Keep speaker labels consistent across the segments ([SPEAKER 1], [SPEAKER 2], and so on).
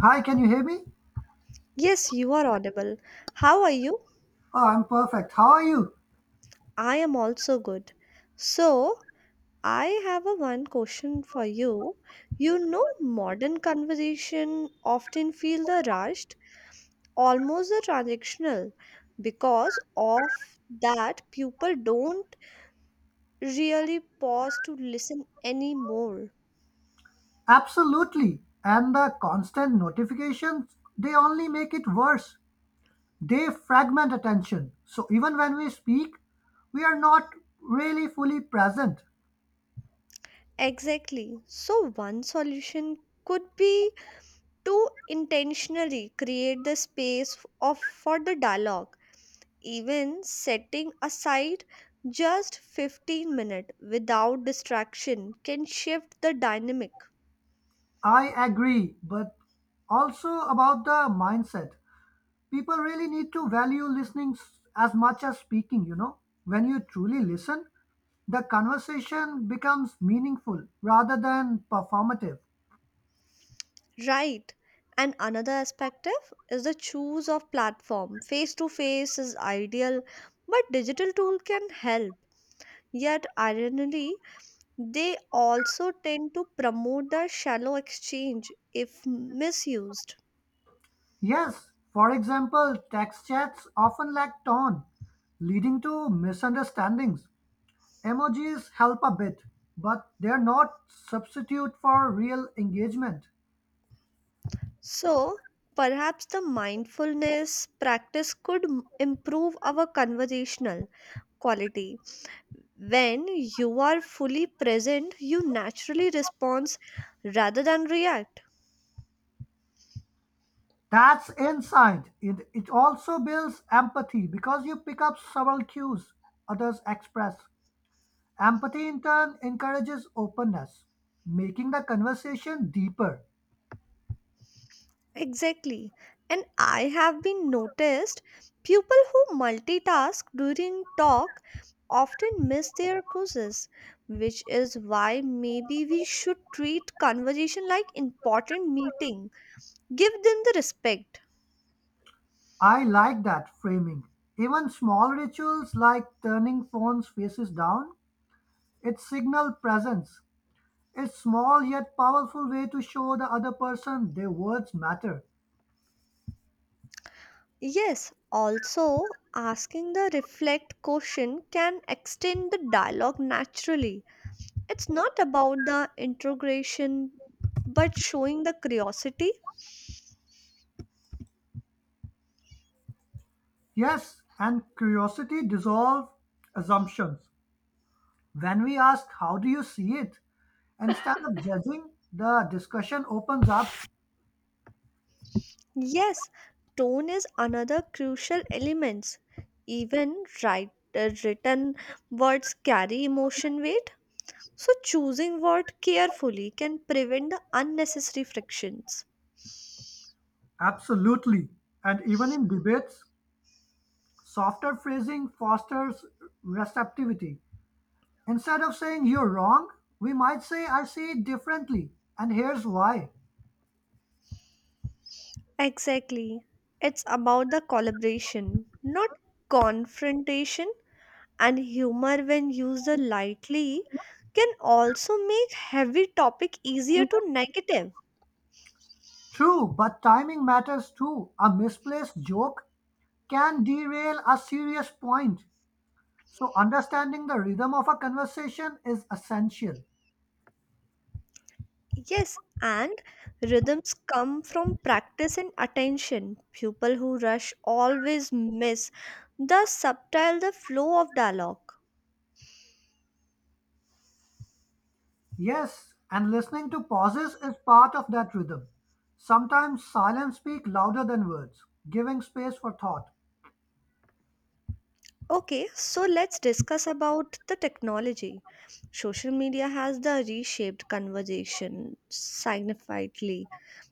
[SPEAKER 1] Hi, can you hear me?
[SPEAKER 2] Yes, you are audible. How are you?
[SPEAKER 1] Oh, I'm perfect. How are you?
[SPEAKER 2] I am also good. So, I have a one question for you. You know, modern conversation often feel the rushed, almost the transactional, because of that people don't really pause to listen anymore.
[SPEAKER 1] Absolutely. And the constant notifications, they only make it worse. They fragment attention. So even when we speak, we are not really fully present.
[SPEAKER 2] Exactly. So, one solution could be to intentionally create the space of for the dialogue even setting aside just 15 minutes without distraction can shift the dynamic.
[SPEAKER 1] I agree, but also about the mindset. People really need to value listening as much as speaking. When you truly listen, the conversation becomes meaningful rather than performative.
[SPEAKER 2] Right, and another aspect of is the choose of platform. Face to face is ideal, but digital tool can help, yet ironically they also tend to promote the shallow exchange if misused.
[SPEAKER 1] Yes, for example, text chats often lack tone, leading to misunderstandings. Emojis help a bit, but they're not substitute for real engagement.
[SPEAKER 2] So perhaps the mindfulness practice could improve our conversational quality. When you are fully present, you naturally respond rather than react.
[SPEAKER 1] That's insight. It also builds empathy because you pick up several cues others express. Empathy in turn encourages openness, making the conversation deeper.
[SPEAKER 2] Exactly. And I have been noticed people who multitask during talk often miss their courses, which is why maybe we should treat conversation like important meeting. Give them the respect.
[SPEAKER 1] I like that framing. Even small rituals like turning phones faces down, it signals presence. It's small yet powerful way to show the other person their words matter.
[SPEAKER 2] Yes, also asking the reflect question can extend the dialogue naturally. It's not about the integration, but showing the curiosity.
[SPEAKER 1] Yes, and curiosity dissolves assumptions. When we ask how do you see it, instead of judging, the discussion opens up.
[SPEAKER 2] Yes, tone is another crucial element. Even written words carry emotion weight, so choosing word carefully can prevent the unnecessary frictions.
[SPEAKER 1] Absolutely. And even in debates, softer phrasing fosters receptivity. Instead of saying you're wrong, we might say I see it differently and here's why.
[SPEAKER 2] Exactly. It's about the collaboration, not confrontation. And humor when used lightly can also make heavy topic easier to negative.
[SPEAKER 1] True, but timing matters too. A misplaced joke can derail a serious point. So, understanding the rhythm of a conversation is essential.
[SPEAKER 2] Yes, and rhythms come from practice and attention. People who rush always miss the subtle the flow of dialogue.
[SPEAKER 1] Yes, and listening to pauses is part of that rhythm. Sometimes silence speak louder than words, giving space for thought.
[SPEAKER 2] Okay, so let's discuss about the technology. Social media has the reshaped conversation significantly.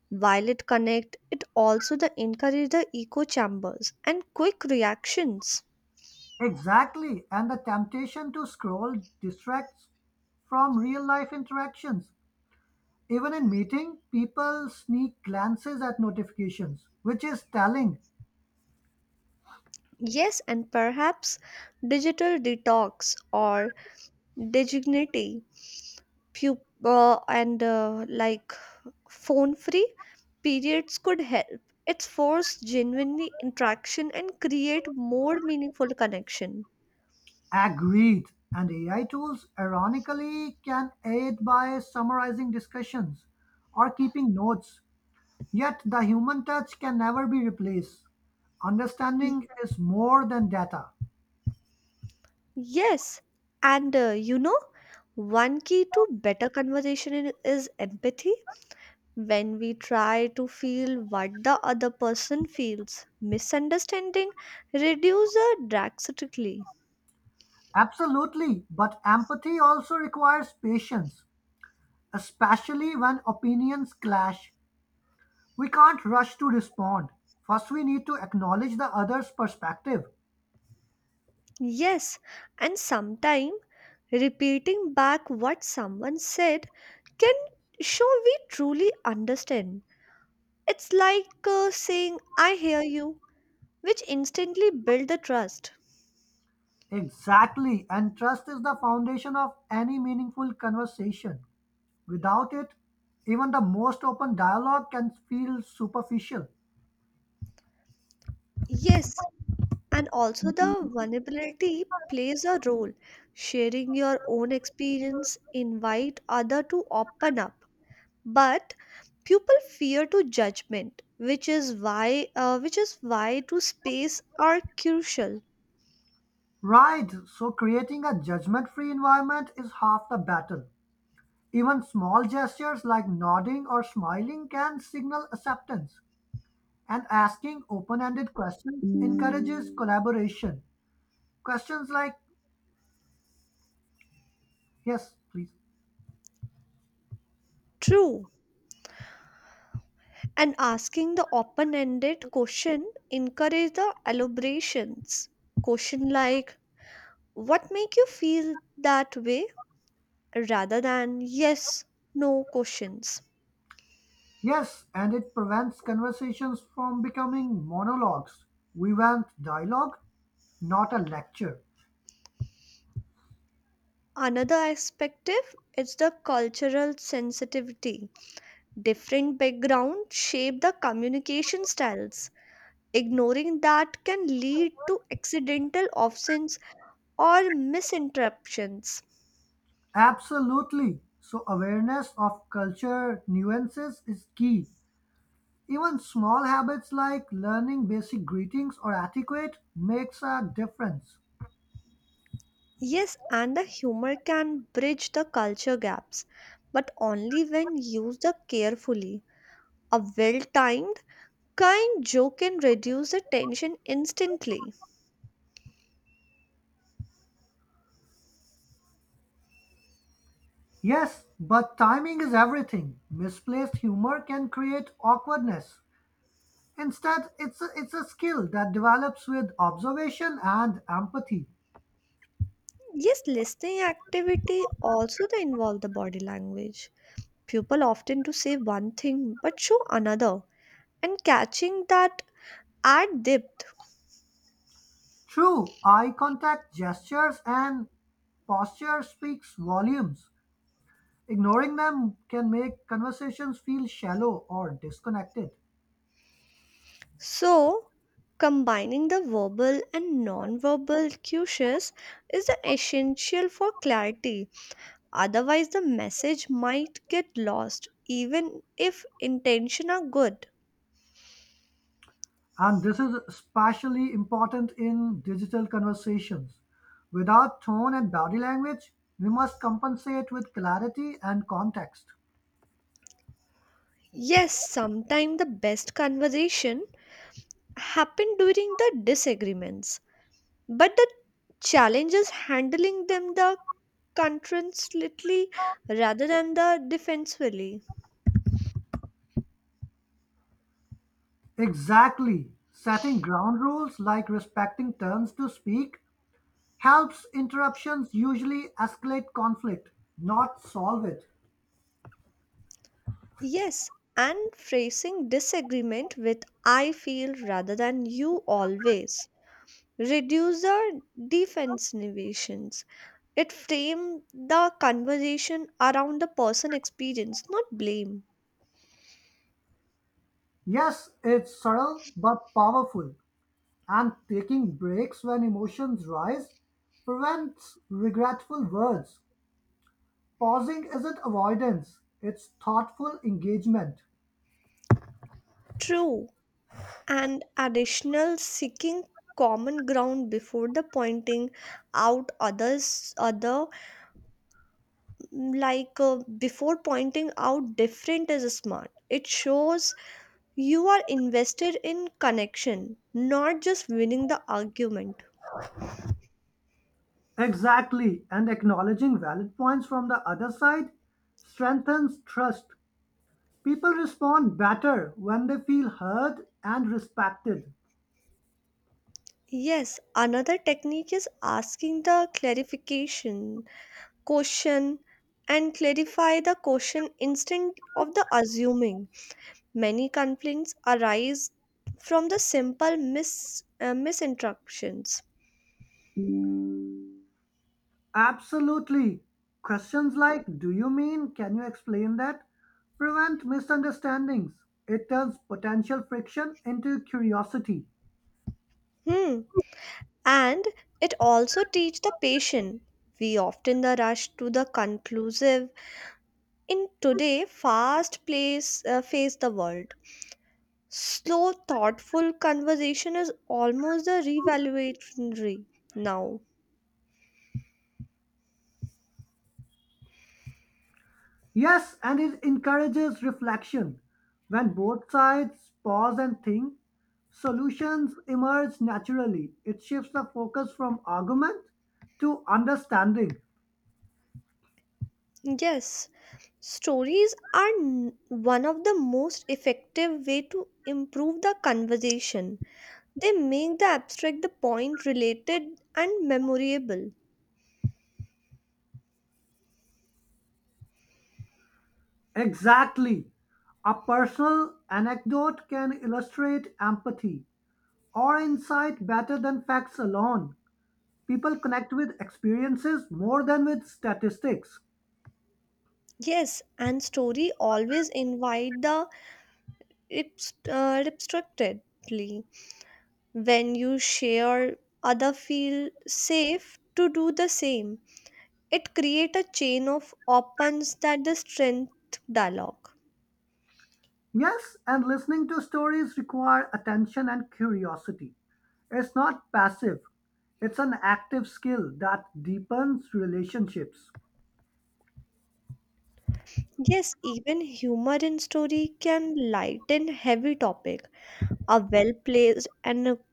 [SPEAKER 2] While it connect, it also the encourage the echo chambers and quick reactions.
[SPEAKER 1] Exactly, and the temptation to scroll distracts from real life interactions. Even in meeting, people sneak glances at notifications, which is telling.
[SPEAKER 2] Yes, and perhaps digital detox or dignity, pu- and like phone free periods could help. It's force genuinely interaction and create more meaningful connection.
[SPEAKER 1] Agreed, and AI tools, ironically, can aid by summarizing discussions or keeping notes, yet the human touch can never be replaced.
[SPEAKER 2] Y-
[SPEAKER 1] Understanding is more than data.
[SPEAKER 2] Yes, and one key to better conversation is empathy. When we try to feel what the other person feels, misunderstanding reduces drastically.
[SPEAKER 1] Absolutely, but empathy also requires patience, especially when opinions clash. We can't rush to respond. First, we need to acknowledge the other's perspective.
[SPEAKER 2] Yes, and sometimes repeating back what someone said can show we truly understand. It's like saying, I hear you, which instantly builds the trust.
[SPEAKER 1] Exactly, and trust is the foundation of any meaningful conversation. Without it, even the most open dialogue can feel superficial.
[SPEAKER 2] Yes, and also the vulnerability plays a role. Sharing your own experience invite other to open up, but people fear to judgment, which is why to space are crucial.
[SPEAKER 1] Right, so creating a judgment free environment is half the battle. Even small gestures like nodding or smiling can signal acceptance. And asking open ended questions encourages collaboration. Questions like, yes, please.
[SPEAKER 2] True, and asking the open-ended question encourage the elaborations. Question like what make you feel that way rather than yes no questions.
[SPEAKER 1] Yes, and it prevents conversations from becoming monologues. We want dialogue, not a lecture.
[SPEAKER 2] Another perspective is the cultural sensitivity. Different backgrounds shape the communication styles. Ignoring that can lead to accidental absence or misinterruptions.
[SPEAKER 1] Absolutely. So, awareness of culture nuances is key. Even small habits like learning basic greetings or etiquette makes a difference.
[SPEAKER 2] Yes, and the humor can bridge the culture gaps, but only when used carefully. A well timed, kind joke can reduce the tension instantly.
[SPEAKER 1] Yes, but timing is everything. Misplaced humor can create awkwardness. Instead, it's a skill that develops with observation and empathy.
[SPEAKER 2] Yes, listening activity also they involve the body language. People often do say one thing but show another, and catching that at depth.
[SPEAKER 1] True, eye contact, gestures, and posture speaks volumes. Ignoring them can make conversations feel shallow or disconnected.
[SPEAKER 2] So, combining the verbal and non-verbal cues is essential for clarity. Otherwise, the message might get lost, even if intention are good.
[SPEAKER 1] And this is especially important in digital conversations. Without tone and body language, we must compensate with clarity and context.
[SPEAKER 2] Yes, sometimes the best conversation happen during the disagreements, but the challenge is handling them the confrontationally rather than the defensively.
[SPEAKER 1] Exactly. Setting ground rules like respecting turns to speak helps. Interruptions usually escalate conflict, not solve it.
[SPEAKER 2] Yes, and phrasing disagreement with I feel rather than you always. Reduce the defensiveness. It frame the conversation around the person experience, not blame.
[SPEAKER 1] Yes, it's subtle but powerful. And taking breaks when emotions rise prevents regretful words. Pausing isn't avoidance, it's thoughtful engagement.
[SPEAKER 2] True. And additional seeking common ground before the pointing out others other before pointing out different is smart. It shows you are invested in connection, not just winning the argument.
[SPEAKER 1] Exactly, and acknowledging valid points from the other side strengthens trust. People respond better when they feel heard and respected.
[SPEAKER 2] Yes, another technique is asking the clarification question and clarify the question instead of the assuming. Many complaints arise from the simple misinterruptions.
[SPEAKER 1] Absolutely. Questions like, do you mean? Can you explain that? Prevent misunderstandings. It turns potential friction into curiosity.
[SPEAKER 2] Hmm. And it also teach the patient. We often the rush to the conclusive in today fast place face the world. Slow, thoughtful conversation is almost a revaluatory now.
[SPEAKER 1] Yes, and it encourages reflection. When both sides pause and think, solutions emerge naturally. It shifts the focus from argument to understanding.
[SPEAKER 2] Yes, stories are one of the most effective way to improve the conversation. They make the abstract the point related and memorable.
[SPEAKER 1] Exactly. A personal anecdote can illustrate empathy or insight better than facts alone. People connect with experiences more than with statistics.
[SPEAKER 2] Yes, and story always invite the abstractedly. When you share, other feel safe to do the same. It creates a chain of opens that the strength dialogue.
[SPEAKER 1] Yes, and listening to stories require attention and curiosity. It's not passive, it's an active skill that deepens relationships.
[SPEAKER 2] Yes, even humor in story can lighten heavy topic. A well-placed anecdote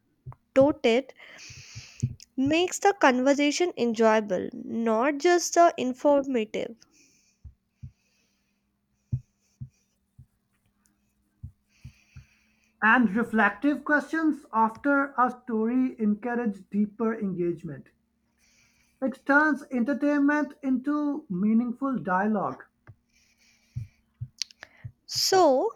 [SPEAKER 2] makes the conversation enjoyable, not just the informative.
[SPEAKER 1] And reflective questions after a story encourage deeper engagement. It turns entertainment into meaningful dialogue.
[SPEAKER 2] So,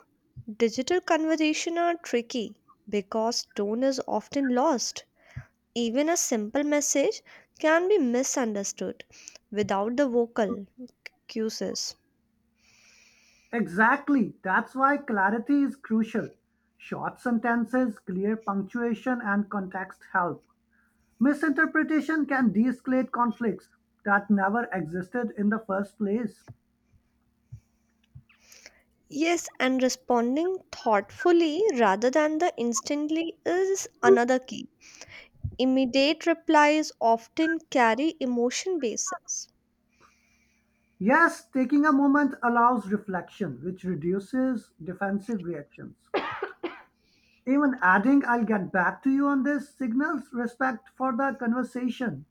[SPEAKER 2] digital conversation are tricky because tone is often lost. Even a simple message can be misunderstood without the vocal cues.
[SPEAKER 1] Exactly, that's why clarity is crucial. Short sentences, clear punctuation, and context help. Misinterpretation can de-escalate conflicts that never existed in the first place.
[SPEAKER 2] Yes, and responding thoughtfully rather than the instantly is another key. Immediate replies often carry emotion basis.
[SPEAKER 1] Yes, taking a moment allows reflection, which reduces defensive reactions. Even adding, I'll get back to you on this, signals respect for the conversation.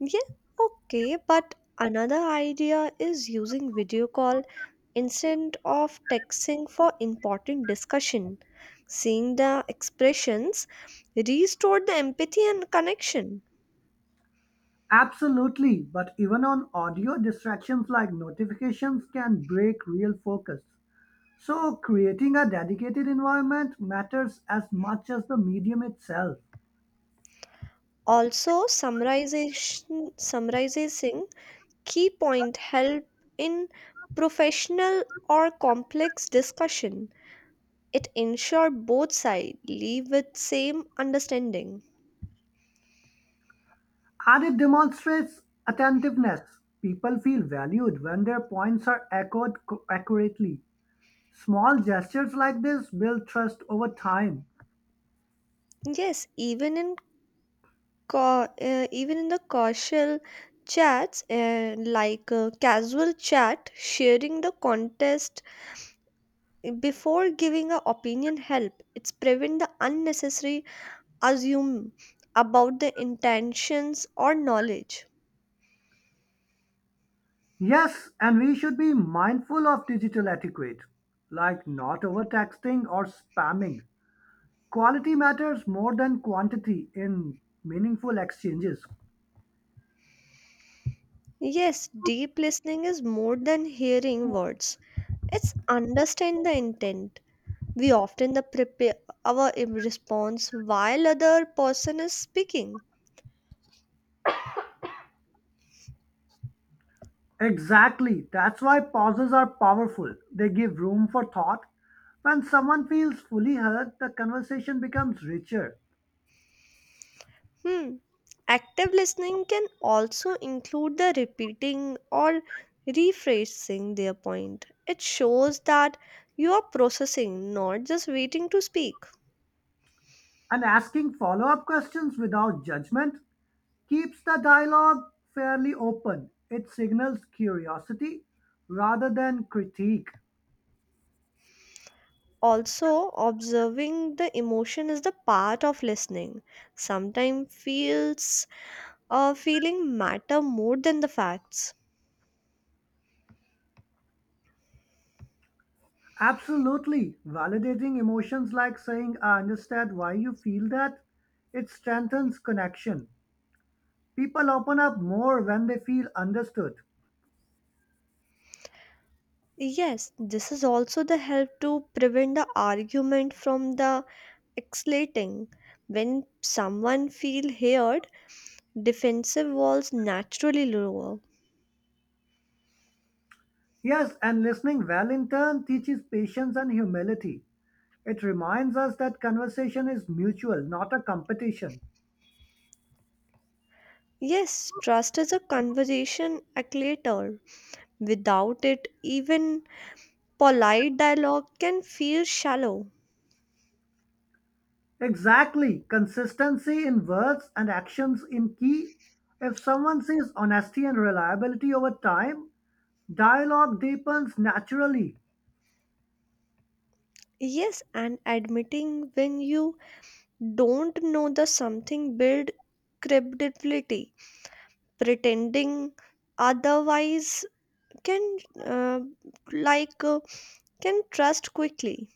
[SPEAKER 2] Yeah, okay, but another idea is using video call instead of texting for important discussion. Seeing the expressions restored the empathy and connection.
[SPEAKER 1] Absolutely, but even on audio, distractions like notifications can break real focus. So, creating a dedicated environment matters as much as the medium itself.
[SPEAKER 2] Also, summarization summarizing key point help in professional or complex discussion. It ensure both sides leave with same understanding.
[SPEAKER 1] And it demonstrates attentiveness. People feel valued when their points are echoed accurately. Small gestures like this build trust over time.
[SPEAKER 2] Yes, even in even in the casual chat, sharing the contest before giving a opinion help. It's prevent the unnecessary assume about the intentions or knowledge.
[SPEAKER 1] Yes, and we should be mindful of digital etiquette, like not over texting or spamming. Quality matters more than quantity in meaningful exchanges.
[SPEAKER 2] Yes, deep listening is more than hearing words. It's understand the intent. We often the prepare our response while other person is speaking.
[SPEAKER 1] Exactly, that's why pauses are powerful. They give room for thought. When someone feels fully heard, the conversation becomes richer.
[SPEAKER 2] Hmm. Active listening can also include the repeating or rephrasing their point. It shows that you are processing, not just waiting to speak.
[SPEAKER 1] And asking follow up questions without judgment keeps the dialogue fairly open. It signals curiosity rather than critique.
[SPEAKER 2] Also, observing the emotion is the part of listening. Sometimes feels feeling matter more than the facts.
[SPEAKER 1] Absolutely. Validating emotions like saying, I understand why you feel that, it strengthens connection. People open up more when they feel understood.
[SPEAKER 2] Yes, this is also the help to prevent the argument from the escalating. When someone feel heard, defensive walls naturally lower.
[SPEAKER 1] Yes, and listening well in turn teaches patience and humility. It reminds us that conversation is mutual, not a competition.
[SPEAKER 2] Yes, trust is a conversation acclimator. Without it, even polite dialogue can feel shallow.
[SPEAKER 1] Exactly. Consistency in words and actions in key. If someone sees honesty and reliability over time, dialogue deepens naturally.
[SPEAKER 2] Yes, and admitting when you don't know the something build credibility. Pretending otherwise can uh, like uh, can trust quickly.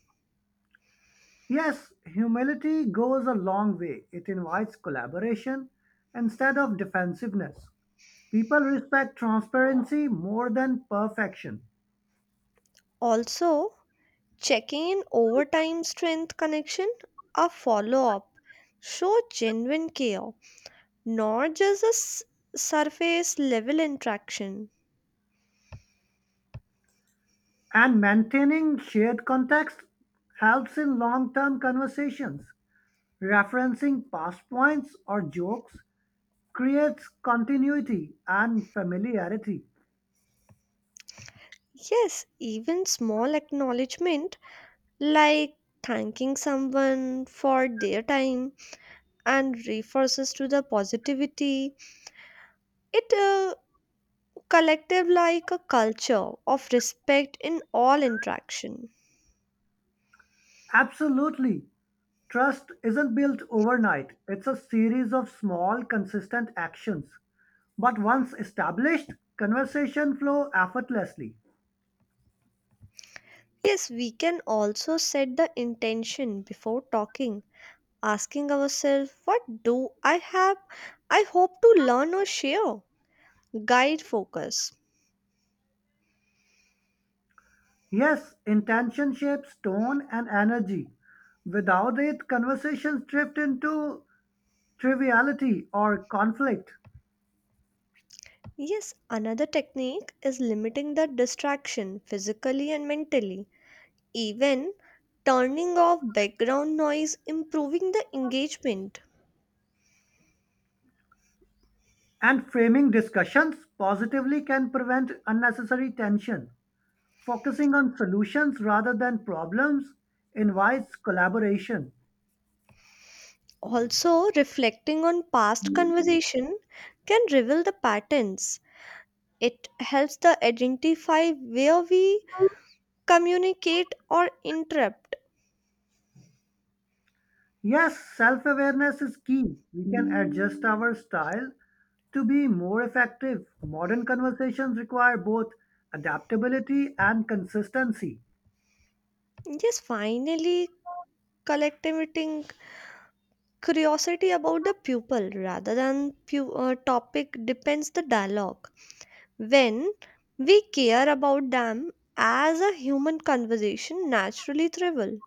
[SPEAKER 1] Yes, humility goes a long way. It invites collaboration instead of defensiveness. People respect transparency more than perfection.
[SPEAKER 2] Also, checking in overtime strength connection. A follow-up show genuine care, not just a surface level interaction.
[SPEAKER 1] And maintaining shared context helps in long term conversations. Referencing past points or jokes creates continuity and familiarity.
[SPEAKER 2] Yes, even small acknowledgement like thanking someone for their time and refers to the positivity, it collective like a culture of respect in all interaction.
[SPEAKER 1] Absolutely. Trust isn't built overnight, it's a series of small, consistent actions. But once established, conversation flow effortlessly.
[SPEAKER 2] Yes, we can also set the intention before talking, asking ourselves, what do I have? I hope to learn or share. Guide focus.
[SPEAKER 1] Yes, intention shapes tone and energy. Without it, conversations drift into triviality or conflict.
[SPEAKER 2] Yes, another technique is limiting the distraction physically and mentally. Even turning off background noise, improving the engagement.
[SPEAKER 1] And framing discussions positively can prevent unnecessary tension. Focusing on solutions rather than problems invites collaboration.
[SPEAKER 2] Also, reflecting on past conversation can reveal the patterns. It helps to identify where we communicate or interrupt.
[SPEAKER 1] Yes, self awareness is key. We can adjust our style to be more effective. Modern conversations require both adaptability and consistency.
[SPEAKER 2] Yes, finally, collecting curiosity about the pupil rather than topic depends the dialogue. When we care about them as a human, conversation naturally thrive.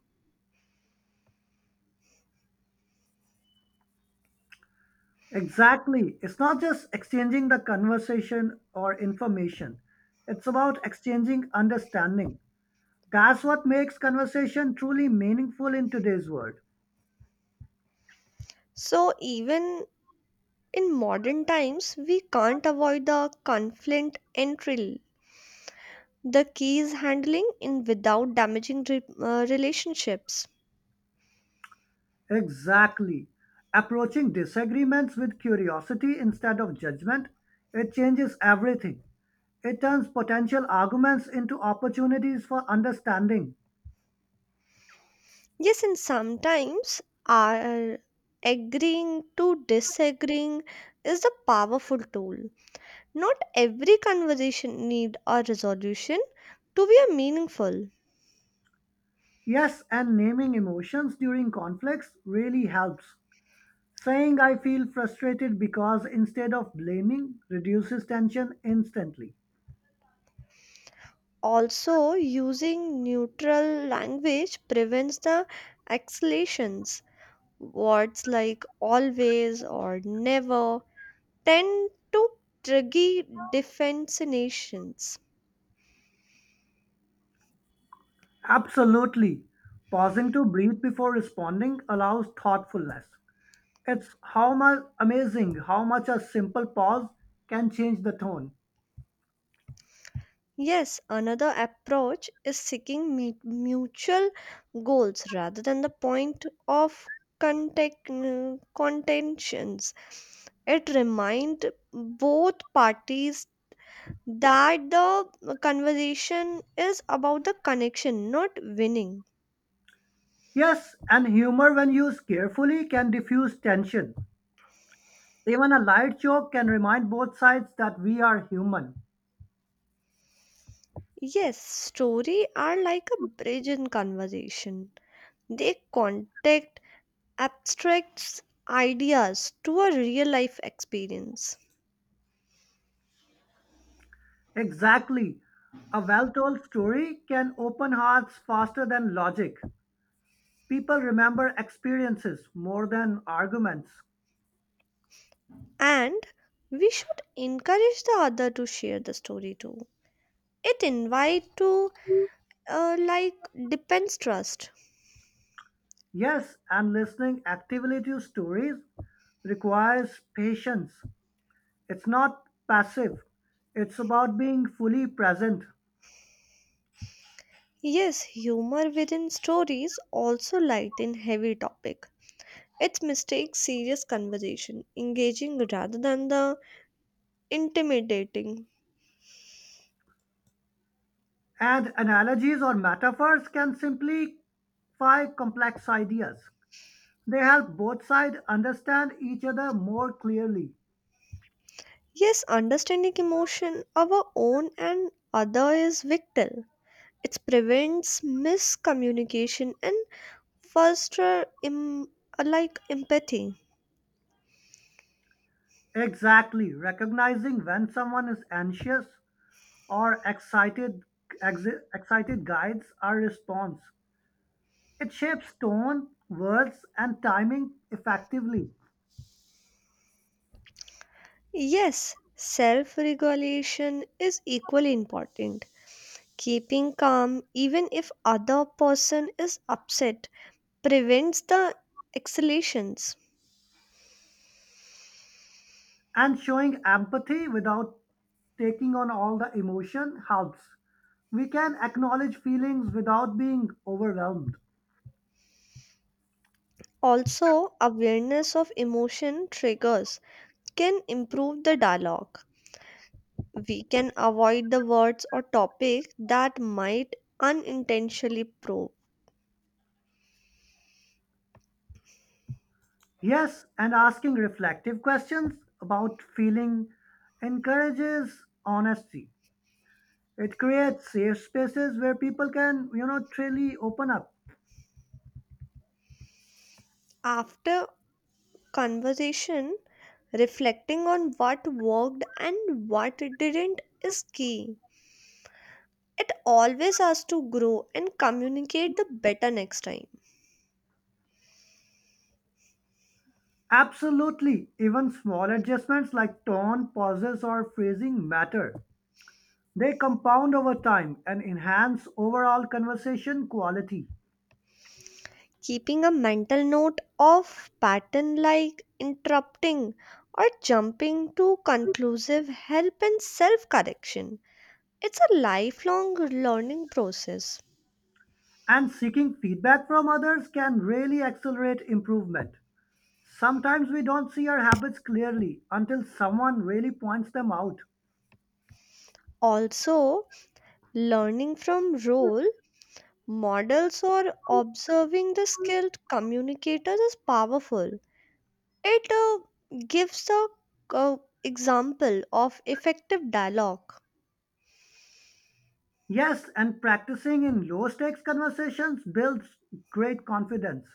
[SPEAKER 1] Exactly. It's not just exchanging the conversation or information, it's about exchanging understanding. That's what makes conversation truly meaningful in today's world.
[SPEAKER 2] So even in modern times, we can't avoid the conflict and the key is handling in without damaging relationships.
[SPEAKER 1] Exactly. Approaching disagreements with curiosity instead of judgment, it changes everything. It turns potential arguments into opportunities for understanding.
[SPEAKER 2] Yes, and sometimes our agreeing to disagreeing is a powerful tool. Not every conversation need a resolution to be a meaningful.
[SPEAKER 1] Yes, and naming emotions during conflicts really helps. Saying I feel frustrated because instead of blaming reduces tension instantly.
[SPEAKER 2] Also, using neutral language prevents the escalations. Words like always or never tend to trigger defensitions.
[SPEAKER 1] Absolutely. Pausing to breathe before responding allows thoughtfulness. It's how much amazing how much a simple pause can change the tone.
[SPEAKER 2] Yes, another approach is seeking mutual goals rather than the point of contentions. It reminds both parties that the conversation is about the connection, not winning.
[SPEAKER 1] Yes, and humor when used carefully can diffuse tension. Even a light joke can remind both sides that we are human.
[SPEAKER 2] Yes, story are like a bridge in conversation. They connect abstract ideas to a real life experience.
[SPEAKER 1] Exactly. A well told story can open hearts faster than logic. People remember experiences more than arguments.
[SPEAKER 2] And we should encourage the other to share the story too. It invite to depends trust.
[SPEAKER 1] Yes, and listening actively to stories requires patience. It's not passive, it's about being fully present.
[SPEAKER 2] Yes, humor within stories also lighten heavy topic. It mistakes serious conversation engaging rather than the intimidating.
[SPEAKER 1] And analogies or metaphors can simplify complex ideas. They help both sides understand each other more clearly.
[SPEAKER 2] Yes, understanding emotion our own and other is vital. It prevents miscommunication and foster empathy.
[SPEAKER 1] Exactly, recognizing when someone is anxious or excited, excited guides our response. It shapes tone, words, and timing effectively.
[SPEAKER 2] Yes, self-regulation is equally important. Keeping calm even if other person is upset prevents the escalations.
[SPEAKER 1] And showing empathy without taking on all the emotion helps. We can acknowledge feelings without being overwhelmed.
[SPEAKER 2] Also, awareness of emotion triggers can improve the dialogue. We can avoid the words or topic that might unintentionally probe.
[SPEAKER 1] Yes, and asking reflective questions about feeling encourages honesty. It creates safe spaces where people can truly open up.
[SPEAKER 2] After conversation, reflecting on what worked and what didn't is key. It always has to grow and communicate the better next time.
[SPEAKER 1] Absolutely, even small adjustments like tone, pauses, or phrasing matter. They compound over time and enhance overall conversation quality.
[SPEAKER 2] Keeping a mental note of pattern like interrupting or jumping to conclusive help in self correction. It's a lifelong learning process.
[SPEAKER 1] And seeking feedback from others can really accelerate improvement. Sometimes we don't see our habits clearly until someone really points them out.
[SPEAKER 2] Also, learning from role models or observing the skilled communicators is powerful. It gives a uh, example of effective dialogue.
[SPEAKER 1] Yes, and practicing in low stakes conversations builds great confidence.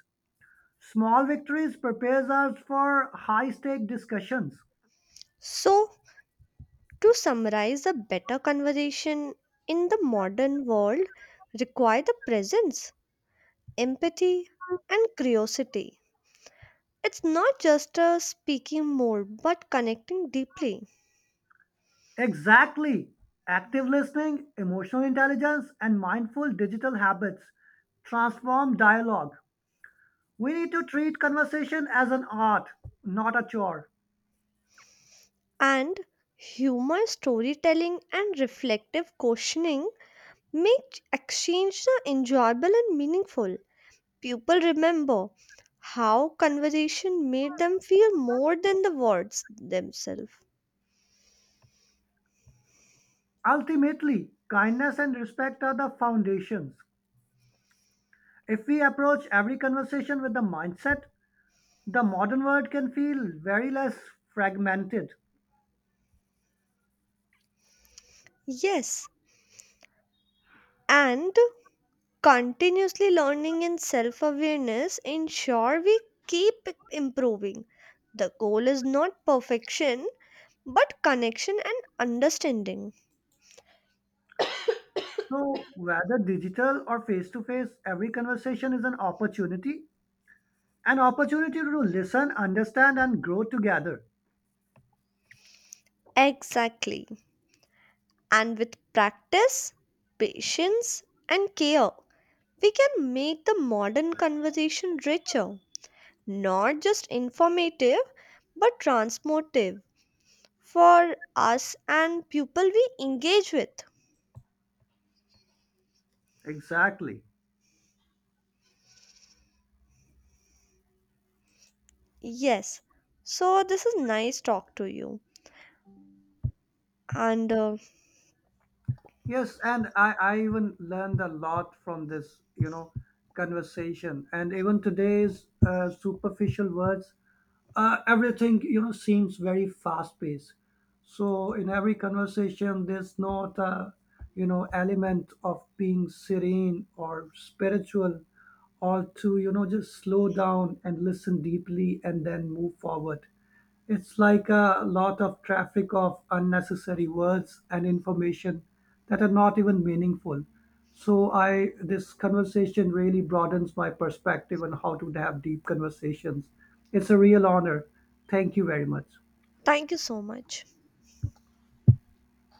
[SPEAKER 1] Small victories prepares us for high stake discussions.
[SPEAKER 2] So, to summarize, a better conversation in the modern world require the presence, empathy, and curiosity. It's not just speaking more, but connecting deeply.
[SPEAKER 1] Exactly. Active listening, emotional intelligence, and mindful digital habits transform dialogue. We need to treat conversation as an art, not a chore.
[SPEAKER 2] And humor, storytelling, and reflective questioning make exchange enjoyable and meaningful. People remember how conversation made them feel more than the words themselves.
[SPEAKER 1] Ultimately, kindness and respect are the foundations. If we approach every conversation with the mindset, the modern world can feel very less fragmented.
[SPEAKER 2] Yes, and continuously learning and self awareness ensure we keep improving. The goal is not perfection but connection and understanding.
[SPEAKER 1] So, whether digital or face to face, every conversation is an opportunity to listen, understand, and grow together.
[SPEAKER 2] Exactly. And with practice, patience, and care, we can make the modern conversation richer, not just informative but transmotive for us and people we engage with.
[SPEAKER 1] Exactly.
[SPEAKER 2] Yes. So this is nice talk to you and
[SPEAKER 1] Yes, and I even learned a lot from this conversation. And even today's superficial words, everything seems very fast paced. So in every conversation, there's not a, you know, element of being serene or spiritual or to just slow down and listen deeply and then move forward. It's like a lot of traffic of unnecessary words and information that are not even meaningful. So I this conversation really broadens my perspective on how to have deep conversations. It's a real honor. Thank you very much.
[SPEAKER 2] thank you so much.